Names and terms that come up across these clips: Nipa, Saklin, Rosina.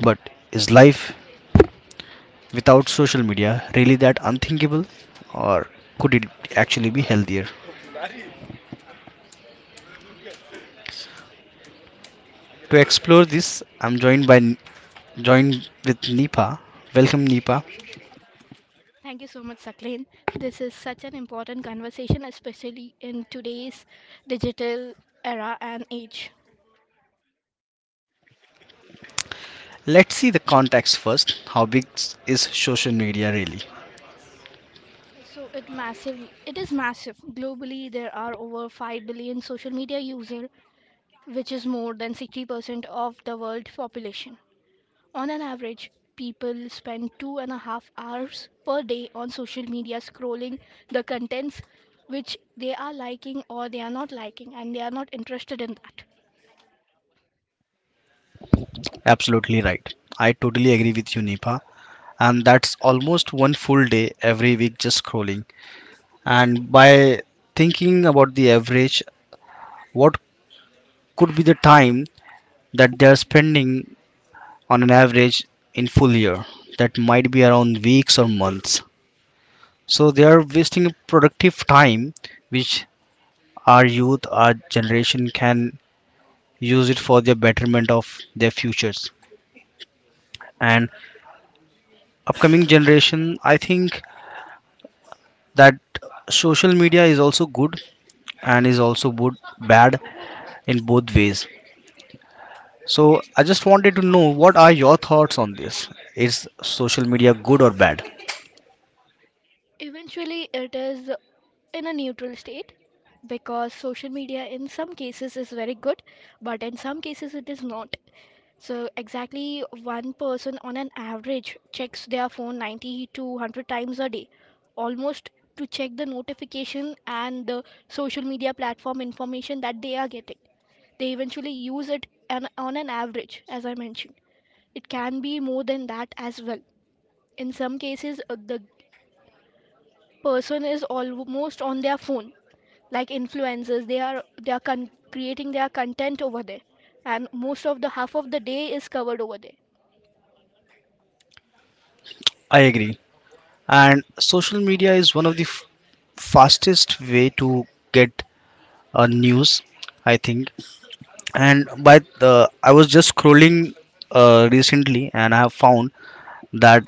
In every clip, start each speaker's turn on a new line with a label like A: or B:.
A: But is life without social media really that unthinkable, or could it actually be healthier? To explore this, I'm joined by joined with Nipa. Welcome, Nipa.
B: Thank you so much, Saklin. This is such an important conversation, especially in today's digital era and age.
A: Let's see the context first. How big is social media really?
B: So it massive it is massive. Globally there are over 5 billion social media users, which is more than 60% of the world population. On an average, people spend two and a half hours per day on social media scrolling the contents which they are liking or they are not liking and they are not interested in that.
A: Absolutely right. I totally agree with you, Nipa. And that's almost one full day every week just scrolling. And by thinking about the average, what could be the time that they're spending on an average in full year? That might be around weeks or months. So they are wasting productive time, which our youth, our generation can use it for the betterment of their futures. And upcoming generation, I think that social media is also good and is also good, bad in both ways. So I just wanted to know, what are your thoughts on this? Is social media good or bad?
B: Eventually, it is in a neutral state because social media in some cases is very good, but in some cases it is not. So, exactly one person on an average checks their phone 90 to 100 times a day, almost to check the notification and the social media platform information that they are getting. They eventually use on an average, as I mentioned. It can be more than that as well. In some cases, the person is almost on their phone like influencers. Creating their content over there, and most of the half of the day is covered over there.
A: I agree. And social media is one of the fastest way to get news, I think. And by the, I was just scrolling recently, and I have found that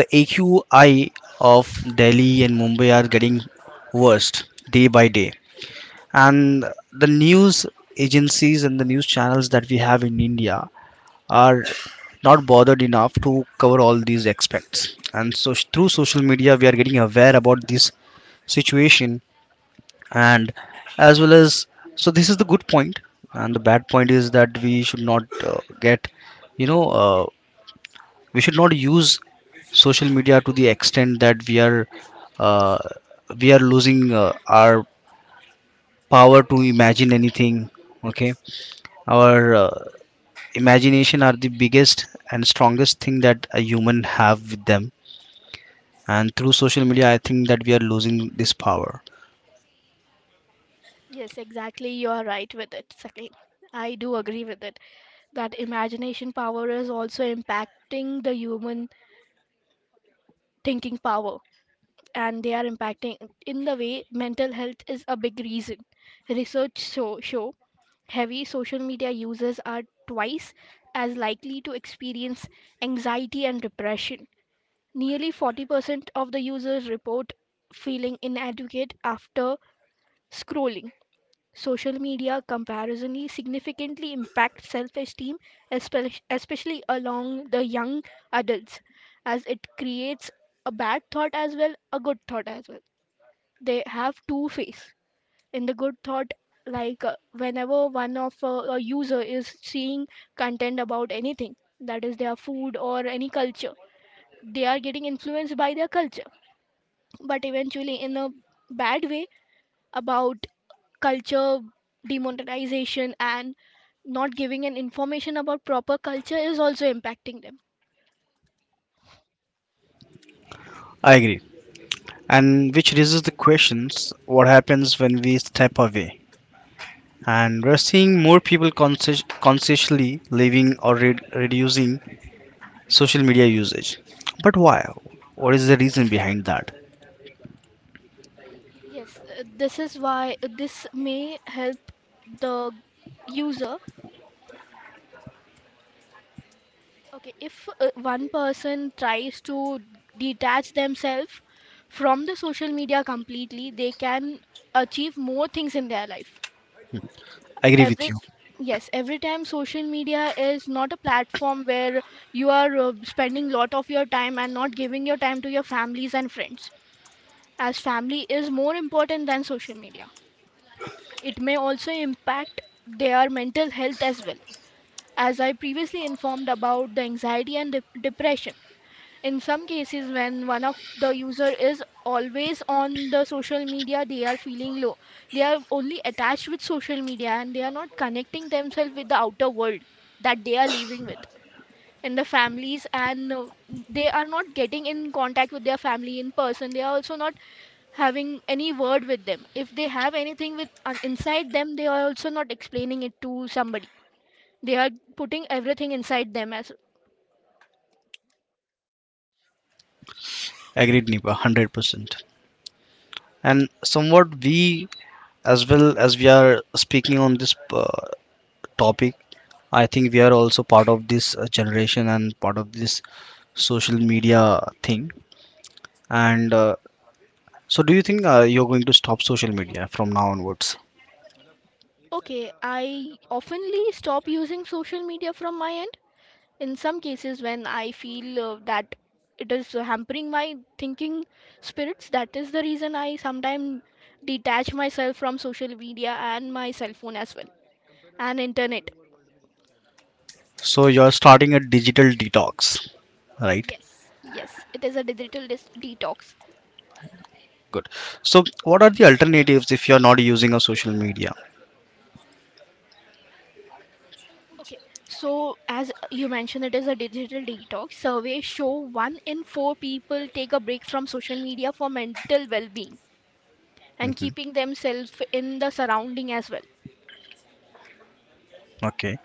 A: the AQI of Delhi and Mumbai are getting worse day by day. And the news agencies and the news channels that we have in India are not bothered enough to cover all these aspects, and so through social media we are getting aware about this situation, and as well as, so this is the good point. And the bad point is that we should not uh, get, you know uh, we should not use social media to the extent that we are, uh, we are losing our power to imagine anything. Okay, our imagination are the biggest and strongest thing that a human have with them, and through social media I think that we are losing this power.
B: Yes, exactly, you are right with it, Sakil. I do agree with it that imagination power is also impacting the human thinking power, and they are impacting in the way mental health is a big reason. Research show, show heavy social media users are twice as likely to experience anxiety and depression. Nearly 40% of the users report feeling inadequate after scrolling. Social media comparisonly significantly impacts self esteem, especially along the young adults, as it creates a bad thought as well, a good thought as well. They have two face. In the good thought, like whenever one of a user is seeing content about anything, that is their food or any culture, they are getting influenced by their culture. But eventually in a bad way, about culture demonetization, and not giving an information about proper culture is also impacting them.
A: I agree. And which raises the questions, what happens when we step away? And we're seeing more people consciously leaving or reducing social media usage. But why? What is the reason behind that?
B: Yes this is why this may help the user. Okay, if one person tries to detach themselves from the social media completely, they can achieve more things in their life.
A: Agree with
B: Every
A: you.
B: yes, every time, social media is not a platform where you are spending lot of your time and not giving your time to your families and friends. As family is more important than social media. It may also impact their mental health as well. As I previously informed about the anxiety and depression, in some cases when one of the user is always on the social media, they are feeling low. They are only attached with social media and they are not connecting themselves with the outer world that they are living with, in the families, and they are not getting in contact with their family in person. They are also not having any word with them. If they have anything with inside them, they are also not explaining it to somebody. They are putting everything inside them as.
A: Agreed, Nipa, 100%. And somewhat we, as well as we are speaking on this uh, topic, I think we are also part of this generation and part of this social media thing. And uh, So, do you think you're going to stop social media from now onwards?
B: Okay, I oftenly stop using social media from my end in some cases when I feel that it is hampering my thinking spirits. That is the reason I sometimes detach myself from social media and my cell phone as well, and internet.
A: So, you're starting a digital detox, right?
B: Yes, yes, it is a digital detox.
A: Good. So, what are the alternatives if you're not using a social media?
B: Okay, so as you mentioned, it is a digital detox. Surveys show one in four people take a break from social media for mental well being, and keeping themselves in the surrounding as well.
A: Okay.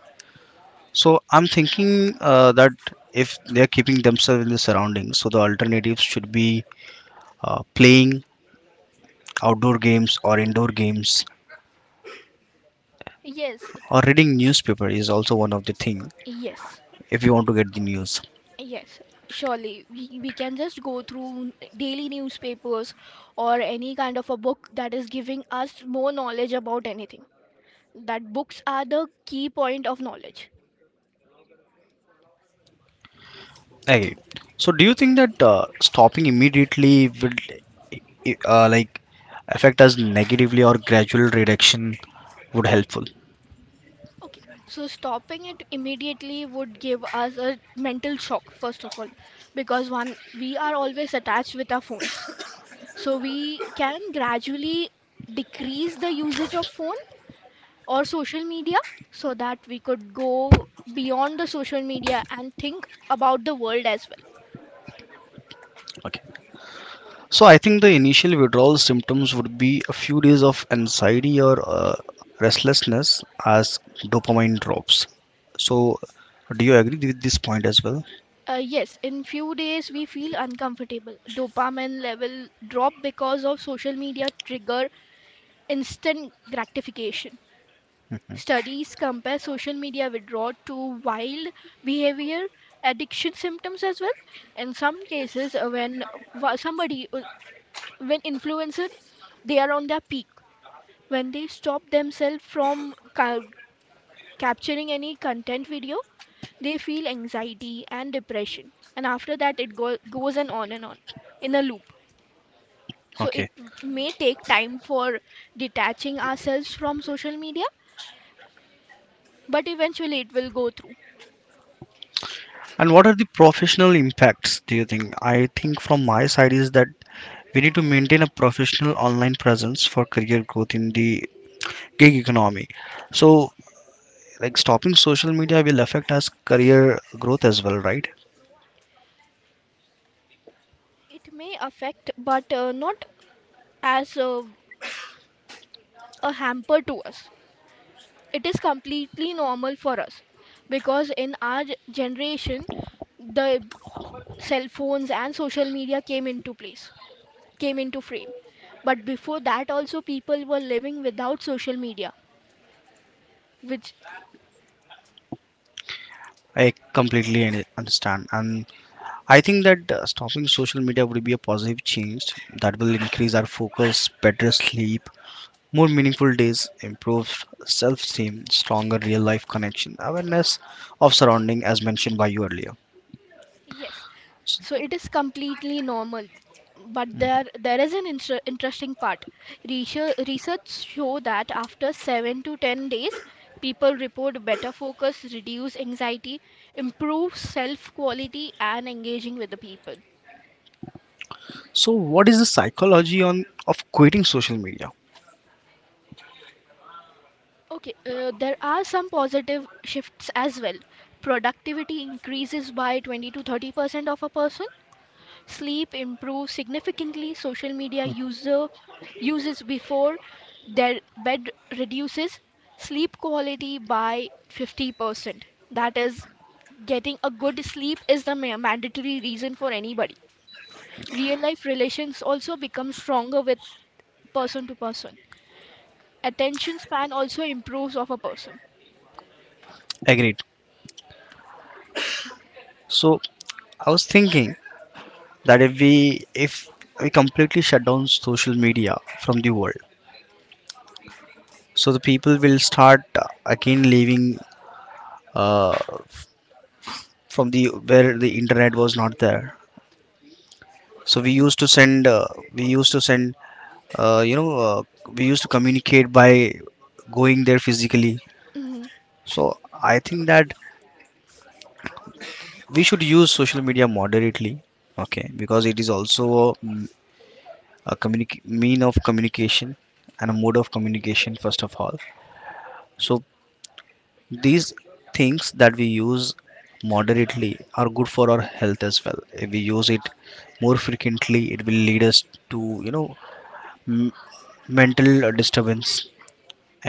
A: So, I'm thinking that if they're keeping themselves in the surroundings, so the alternatives should be playing outdoor games or indoor games,
B: Yes, it,
A: or reading newspaper is also one of the thing
B: yes,
A: if you want to get the news.
B: yes, surely we can just go through daily newspapers or any kind of a book that is giving us more knowledge about anything. That books are the key point of knowledge.
A: Hey, so do you think that stopping immediately will, like, affect us negatively, or gradual reduction would helpful?
B: Okay, so stopping it immediately would give us a mental shock, first of all, because one, we are always attached with our phones. So we can gradually decrease the usage of phone or social media, so that we could go beyond the social media and think about the world as well.
A: Okay. So I think the initial withdrawal symptoms would be a few days of anxiety or restlessness as dopamine drops. So do you agree with this point as well?
B: Yes, in few days we feel uncomfortable, dopamine level drop because of social media trigger instant gratification. Studies compare social media withdrawal to wild behavior addiction symptoms as well. In some cases, when wa- somebody when influencer, they are on their peak, when they stop themselves from capturing any content video, they feel anxiety and depression. And after that, it goes and on in a loop. So it
A: Okay.
B: may take time for detaching ourselves from social media, but eventually it will go through.
A: And what are the professional impacts, do you think? I think from my side is that we need to maintain a professional online presence for career growth in the gig economy. So, like, stopping social media will affect us career growth as well, right?
B: It may affect, but not as a hamper to us. It is completely normal for us because in our generation, the cell phones and social media came into place, came into frame. But before that, also, people were living without social media, which,
A: I completely understand. And I think that stopping social media would be a positive change that will increase our focus, better sleep, more meaningful days, improved self esteem, stronger real life connection, awareness of surrounding as mentioned by you earlier.
B: yes, so it is completely normal. But there is an interesting part. Research show that after 7 to 10 days, people report better focus, reduce anxiety, improve self quality, and engaging with the people.
A: So what is the psychology on of quitting social media?
B: Okay, there are some positive shifts as well. Productivity increases by 20 to 30% of a person. Sleep improves significantly. Social media user uses before their bed reduces sleep quality by 50%. That is, getting a good sleep is the mandatory reason for anybody. Real life relations also become stronger with person to person. Attention span also improves of a person.
A: Agreed. So I was thinking that if we completely shut down social media from the world, so the people will start again living uh, from the where the internet was not there. So we used to send, uh, you know uh, we used to communicate by going there physically.
B: Hmm.
A: So I think that we should use social media moderately. Okay, because it is also a, a mean of communication and a mode of communication first of all. So these things that we use moderately are good for our health as well. If we use it more frequently, it will lead us to, m- mental disturbance,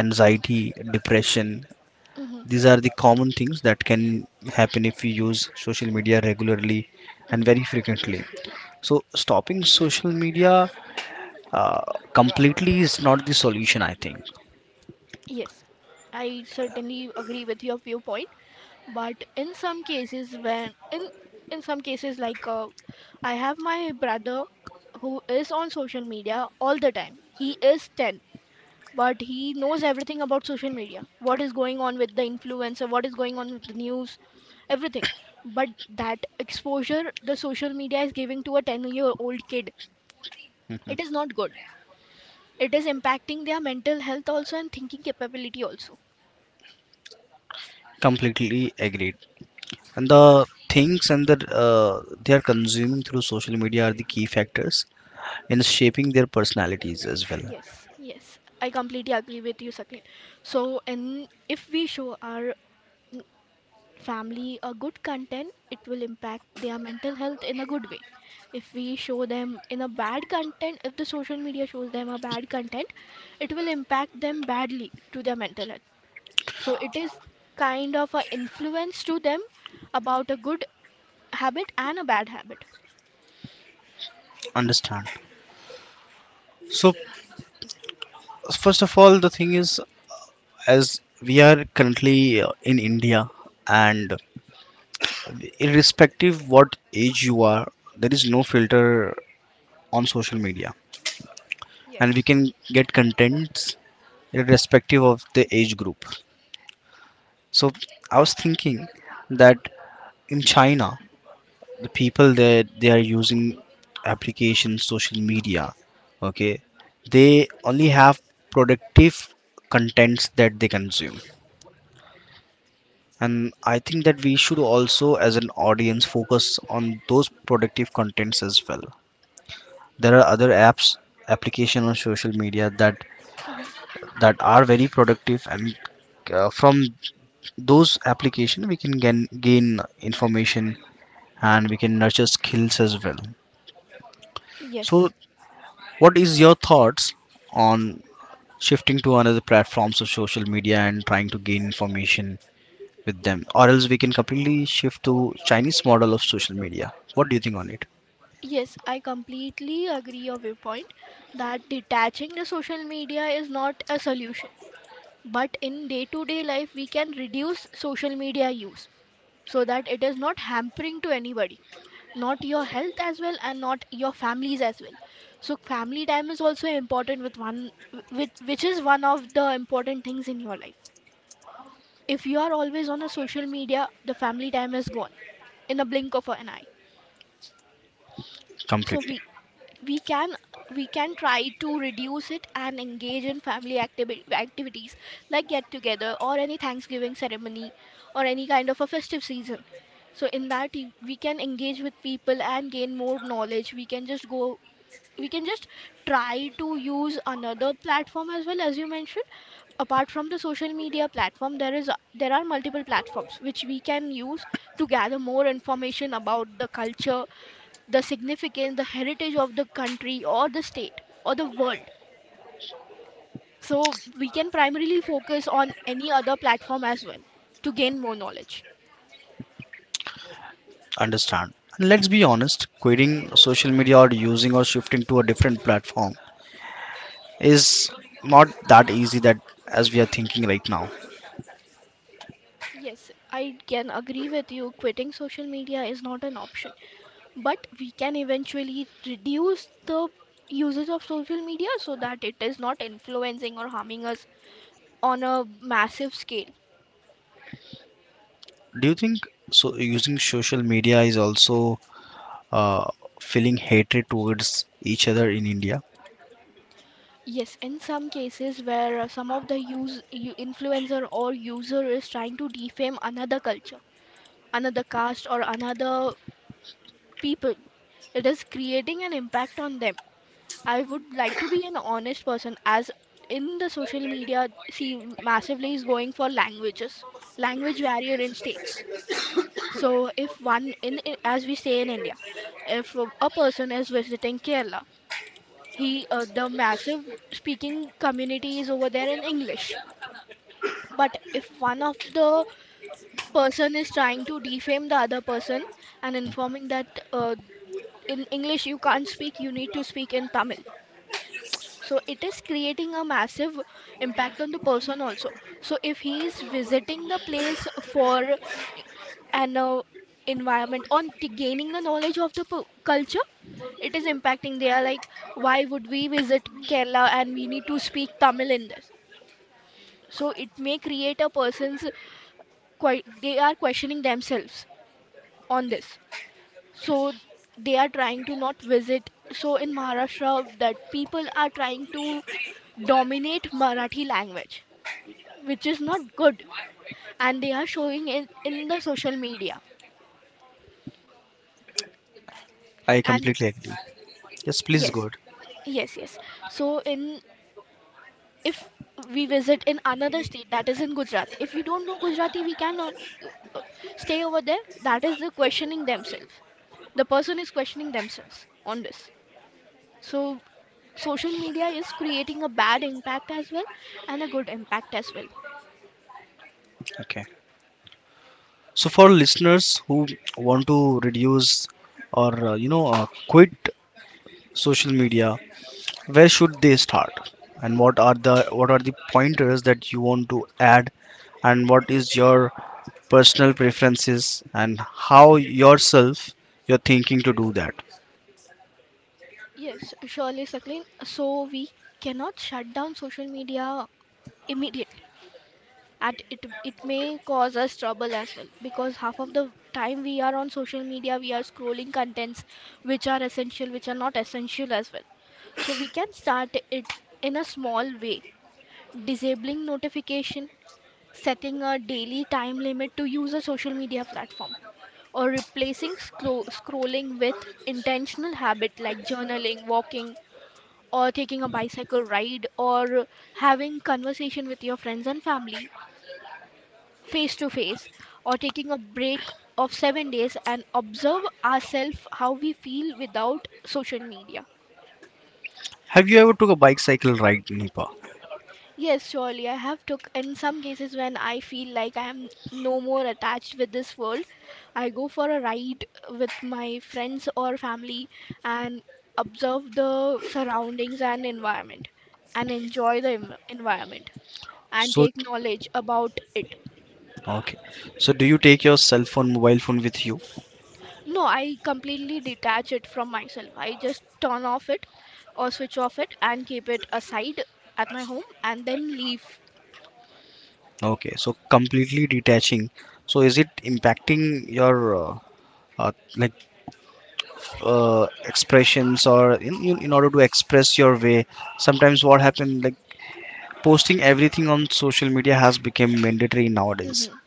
A: anxiety, depression.
B: Hmm.
A: These are the common things that can happen if we use social media regularly and very
B: Hmm.
A: frequently. So, stopping social media uh, completely is not the solution, I think.
B: Yes, I certainly agree with your viewpoint. But in some cases when in some cases, like I have my brother who is on social media all the time. He is 10, but he knows everything about social media, what is going on with the influencer, what is going on with the news, everything. But that exposure the social media is giving to a 10-year-old kid, it is not good. It is impacting their mental health also and thinking capability also.
A: Completely agreed. And the things and the they are consuming through social media are the key factors in shaping their personalities as well.
B: Yes, yes, I completely agree with you, Sakin. So, and if we show our family a good content, it will impact their mental health in a good way. If we show them in a bad content, if the social media shows them a bad content, it will impact them badly to their mental health. So, it is kind of a influence to them about a good habit and a bad habit.
A: Understand. So, first of all, the thing is, as we are currently in India, and irrespective what age you are, there is no filter on social media, and we
B: Yes.
A: can get contents irrespective of the age group. So I was thinking that in China, the people there, they are using applications social media, okay, they only have productive contents that they consume. And I think that we should also, as an audience, focus on those productive contents as well. There are other apps, application on social media that
B: Hmm.
A: that are very productive, and from those application we can gain information, and we can nurture skills as well. So
B: Yes.
A: what is your thoughts on shifting to another platforms of social media and trying to gain information with them, or else we can completely shift to Chinese model of social media? What do you think on it?
B: Yes, I completely agree of your point that detaching the social media is not a solution. But in day-to-day life, we can reduce social media use so that it is not hampering to anybody, not your health as well and not your families as well. So family time is also important with one with which is one of the important things in your life. If you are always on a social media, the family time is gone in a blink of an eye. So
A: Completely
B: we we can we can try to reduce it and engage in family activities like get together or any thanksgiving ceremony or any kind of a festive season. So in that we can engage with people and gain more knowledge. We can just try to use another platform as well, as you mentioned. Apart from the social media platform, there are multiple platforms which we can use to gather more information about the culture, the significance, the heritage of the country or the state or the world. So we can primarily focus on any other platform as well to gain more knowledge.
A: understand. And let's be honest, quitting social media or using or shifting to a different platform is not that easy that as we are thinking right now.
B: Yes, I can agree with you, quitting social media is not an option, but we can eventually reduce the usage of social media so that it is not influencing or harming us on a massive scale.
A: Do you think so using social media is also uh, feeling hatred towards each other in India?
B: Yes, in some cases where some of the influencer or user is trying to defame another culture, another caste or another people, it is creating an impact on them. I would like to be an honest person as in the social media, see, massively is going for languages, language barrier in states. So, if as we say in India, if a person is visiting Kerala, he the massive speaking community is over there in English. But if one of the person is trying to defame the other person and informing that uh, in English you can't speak, you need to speak in Tamil. So it is creating a massive impact on the person also. So if he is visiting the place for an environment on gaining the knowledge of the culture, it is impacting. They are like, why would we visit Kerala and we need to speak Tamil in this? So it may create a person's quite they are questioning themselves on this. So they are trying to not visit. So in Maharashtra, that people are trying to dominate Marathi language, which is not good, and they are showing it in the social media.
A: I
B: And
A: completely agree. Yes, please go
B: yes.
A: ahead.
B: Yes. So in, if we visit in another state, that is in Gujarat, if we don't know Gujarati, we cannot uh, stay over there. That is the questioning themselves. The person is questioning themselves on this. So social media is creating a bad impact as well and a good impact as well.
A: Okay. So for listeners who want to reduce or, quit social media, where should they start, and what are the pointers that you want to add, and what is your personal preferences, and how yourself you're thinking to do that?
B: Yes, surely, Saklin. So we cannot shut down social media immediately, and it may cause us trouble as well, because half of the time we are on social media, we are scrolling contents which are essential, which are not essential as well. So we can start it in a small way: disabling notification, setting a daily time limit to use a social media platform, or replacing scrolling with intentional habit like journaling, walking, or taking a bicycle ride, or having conversation with your friends and family face to face, or taking a break of 7 days and observe ourselves how we feel without social media.
A: Have you ever took a bicycle ride, Nipa?
B: Yes, surely I have took. In some cases when I feel like I am no more attached with this world, I go for a ride with my friends or family and observe the surroundings and environment and enjoy the environment and
A: So,
B: take knowledge about it.
A: okay, so do you take your cell phone, mobile phone with you?
B: No, I completely detach it from myself. I just turn off it or switch off it and keep it aside at my home and then leave.
A: Okay, so completely detaching. So is it impacting your, uh, like, uh, expressions, or in order to express your way, sometimes what happens, like, posting everything on social media has become mandatory nowadays.
B: Hmm.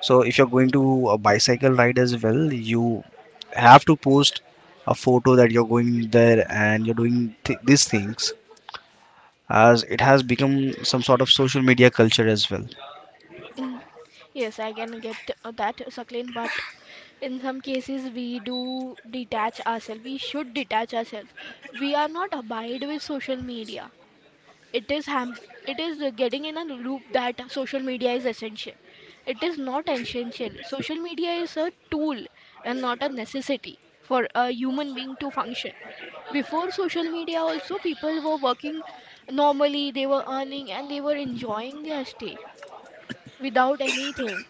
A: So if you're going to a bicycle ride as well, you have to post a photo that you're going there and you're doing these things, as it has become some sort of social media culture as well.
B: Hmm. Yes, I can get that, Saklin, but in some cases we do detach ourselves. We should detach ourselves. We are not abide with social media. it is ham it is getting in a loop that social media is essential. It is not essential. Social media is a tool and not a necessity for a human being to function. Before social media also, people were working normally. They were earning and they were enjoying their stay without anything.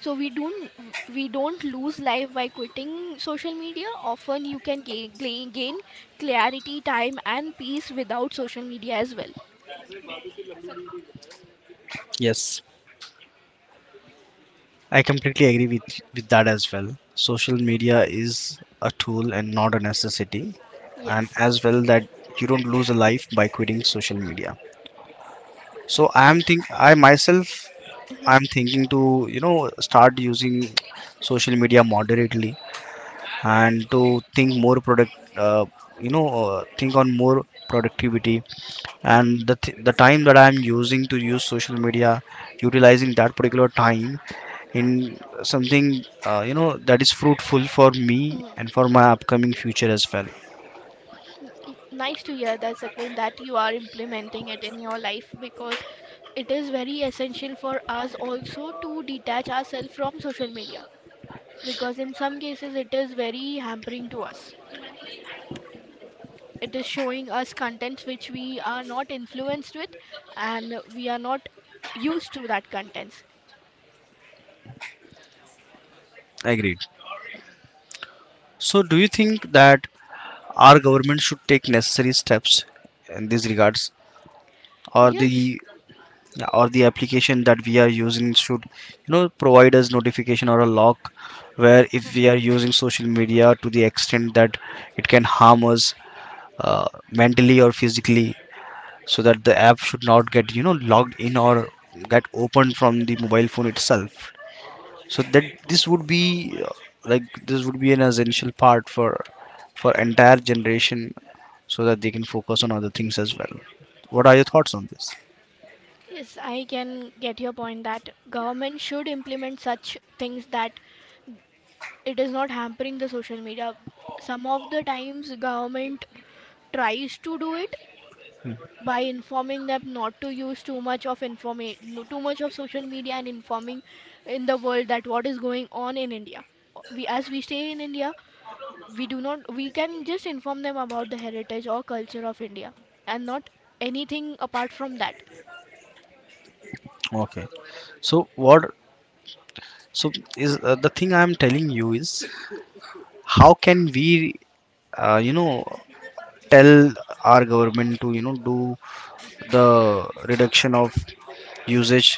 B: So we don't, we don't lose life by quitting social media. Often you can gain, gain clarity, time and peace without social media as well.
A: Yes, I completely agree with that as well. Social media is a tool and not a necessity, and
B: Yes.
A: as well that you don't lose a life by quitting social media. so
B: Yes,
A: i am
B: I.
A: think i myself
B: Mhm.
A: I'm thinking to, you know, start using social media moderately, and to think more you know, think on more productivity.
B: Mm.
A: And the time that I'm using to use social media, utilizing that particular time in something, you know, that is fruitful for me
B: Mm.
A: and for my upcoming future as well.
B: Nice to hear that, Saklin, that you are implementing it in your life, because it is very essential for us also to detach ourselves from social media, because in some cases it is very hampering to us. It is showing us contents which we are not influenced with, and we are not used to that contents.
A: Agreed. So, do you think that our government should take necessary steps in these regards, or
B: Yes,
A: the or the application that we are using should, you know, provide us notification or a lock, where if we are using social media to the extent that it can harm us mentally or physically, so that the app should not get, you know, logged in or get opened from the mobile phone itself, so that this would be like this would be an essential part for entire generation, so that they can focus on other things as well. What are your thoughts on this?
B: yes, I can get your point that government should implement such things, that it is not hampering the social media. Some of the times government tries to do it by informing them not to use too much of information, too much of social media, and informing in the world that what is going on in India. We, as we stay in India, we do not, we can just inform them about the heritage or culture of India, and not anything apart from that.
A: Okay. So what, so is the thing I'm telling you is, how can we, uh, you know tell our government to, you know, do the reduction of usage?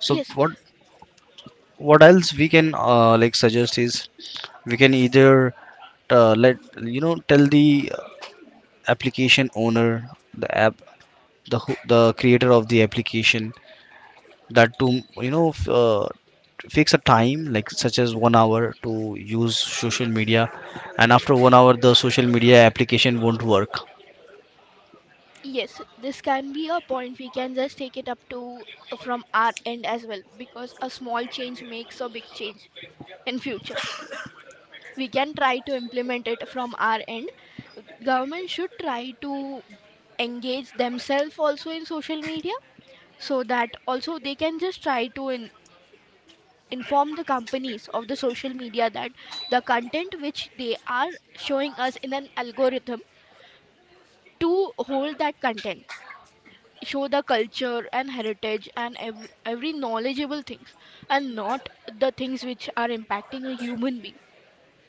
A: So
B: Yes.
A: what else we can, like, suggest is, we can either, let you know, tell the application owner, the app the creator of the application, that to, you know, fix a time, like such as 1 hour to use social media, and after 1 hour the social media application won't work.
B: Yes, this can be a point. We can just take it up to, from our end as well, because a small change makes a big change in future. We can try to implement it from our end. Government should try to engage themselves also in social media, so that also they can just try to inform the companies of the social media that the content which they are showing us in an algorithm, to hold that content, show the culture and heritage and every knowledgeable things, and not the things which are impacting a human being,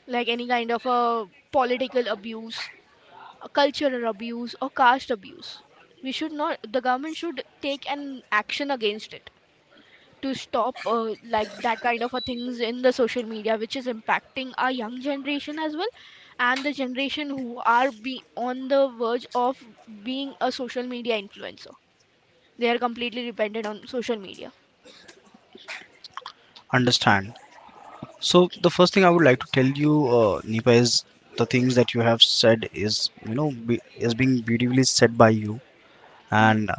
B: like any kind of a political abuse, a cultural abuse, or caste abuse. We should not. The government should take an action against it to stop like that kind of a things in the social media, which is impacting our young generation as well, and the generation who are be on the verge of being a social media influencer. They are completely dependent on social media.
A: Understand. So the first thing I would like to tell you, Nipa, is the things that you have said is, you know, is being beautifully said by you.
B: Mhm,
A: And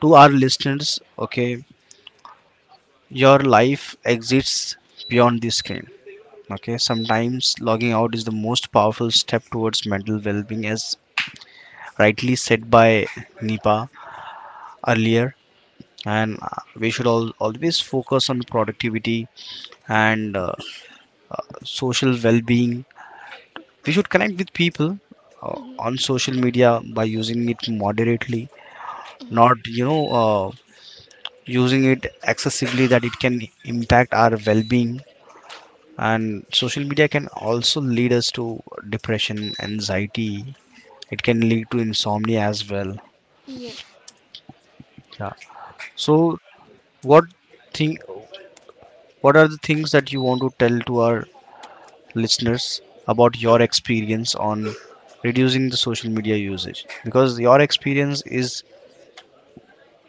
A: to our listeners, okay, your life exists beyond the screen. Okay, sometimes logging out is the most powerful step towards mental well-being, as rightly said by Nipa earlier. And we should always focus on productivity and social well-being. We should connect with people
B: mhm,
A: on social media by using it moderately,
B: mhm.
A: not, using it excessively, that it can impact our well-being. And social media can also lead us to depression, anxiety, it can lead to insomnia as well.
B: Yes.
A: Yeah. So what thing, what are the things that you want to tell to our listeners about your experience on reducing the social media usage, because your experience is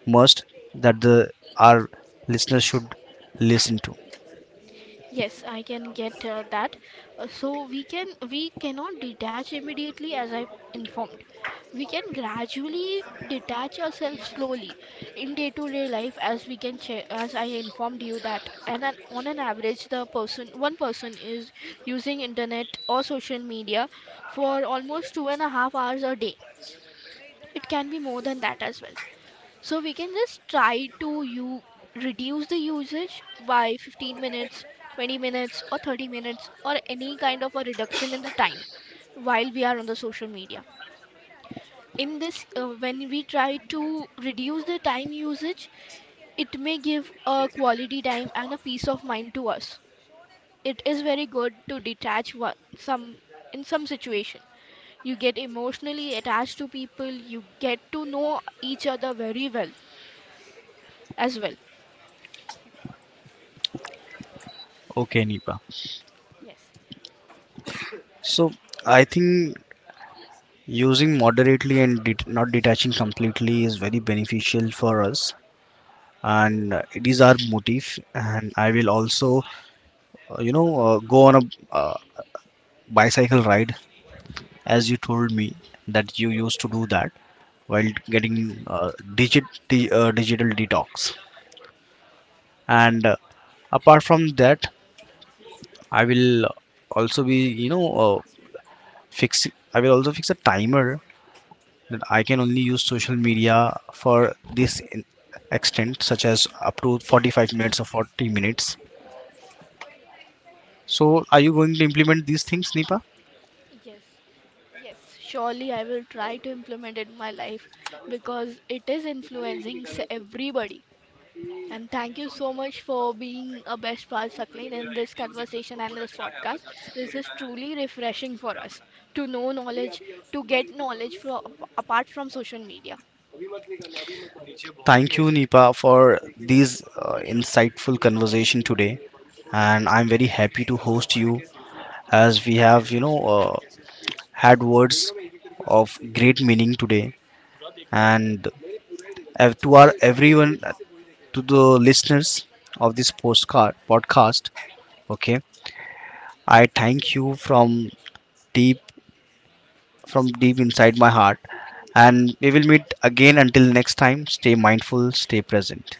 A: must that the our listeners should listen to.
B: Yes, I can get that. So we can, we cannot detach immediately, as I informed. We can gradually detach ourselves slowly in day-to-day life, as we can che as I informed you that, on an average the person, one person, is using internet or social media for almost 2.5 hours a day. It can be more than that as well. So we can just try to you reduce the usage by 15 minutes, 20 minutes or 30 minutes, or any kind of a reduction in the time while we are on the social media. In this when we try to reduce the time usage, it may give a quality time and a peace of mind to us. It is very good to detach one, some, in some situation. You get emotionally attached to people, you get to know each other very well as well.
A: Okay, Nipa.
B: Yes,
A: So I think using moderately and not detaching completely is very beneficial for us, and it is our motive. And I will also, go on a uh, bicycle ride, as you told me that you used to do that while getting, digital detox. And apart from that, I will also be, you know fix I will also fix a timer that I can only use social media for this extent, such as up to 45 minutes or 40 minutes. So are you going to implement these things, Nipa?
B: yes. Yes, surely I will try to implement it in my life, because it is influencing everybody. And thank you so much for being a best part, Saklin, in this conversation and this podcast. This is truly refreshing for us to know knowledge, to get knowledge from apart from social media.
A: Thank you, Nipa, for these insightful conversation today, and I'm very happy to host you as we have, you know, had words of great meaning today. And to our everyone, to the listeners of this postcard podcast, okay, I thank you deep from deep inside my heart, and we will meet again. Until next time, stay mindful, stay present.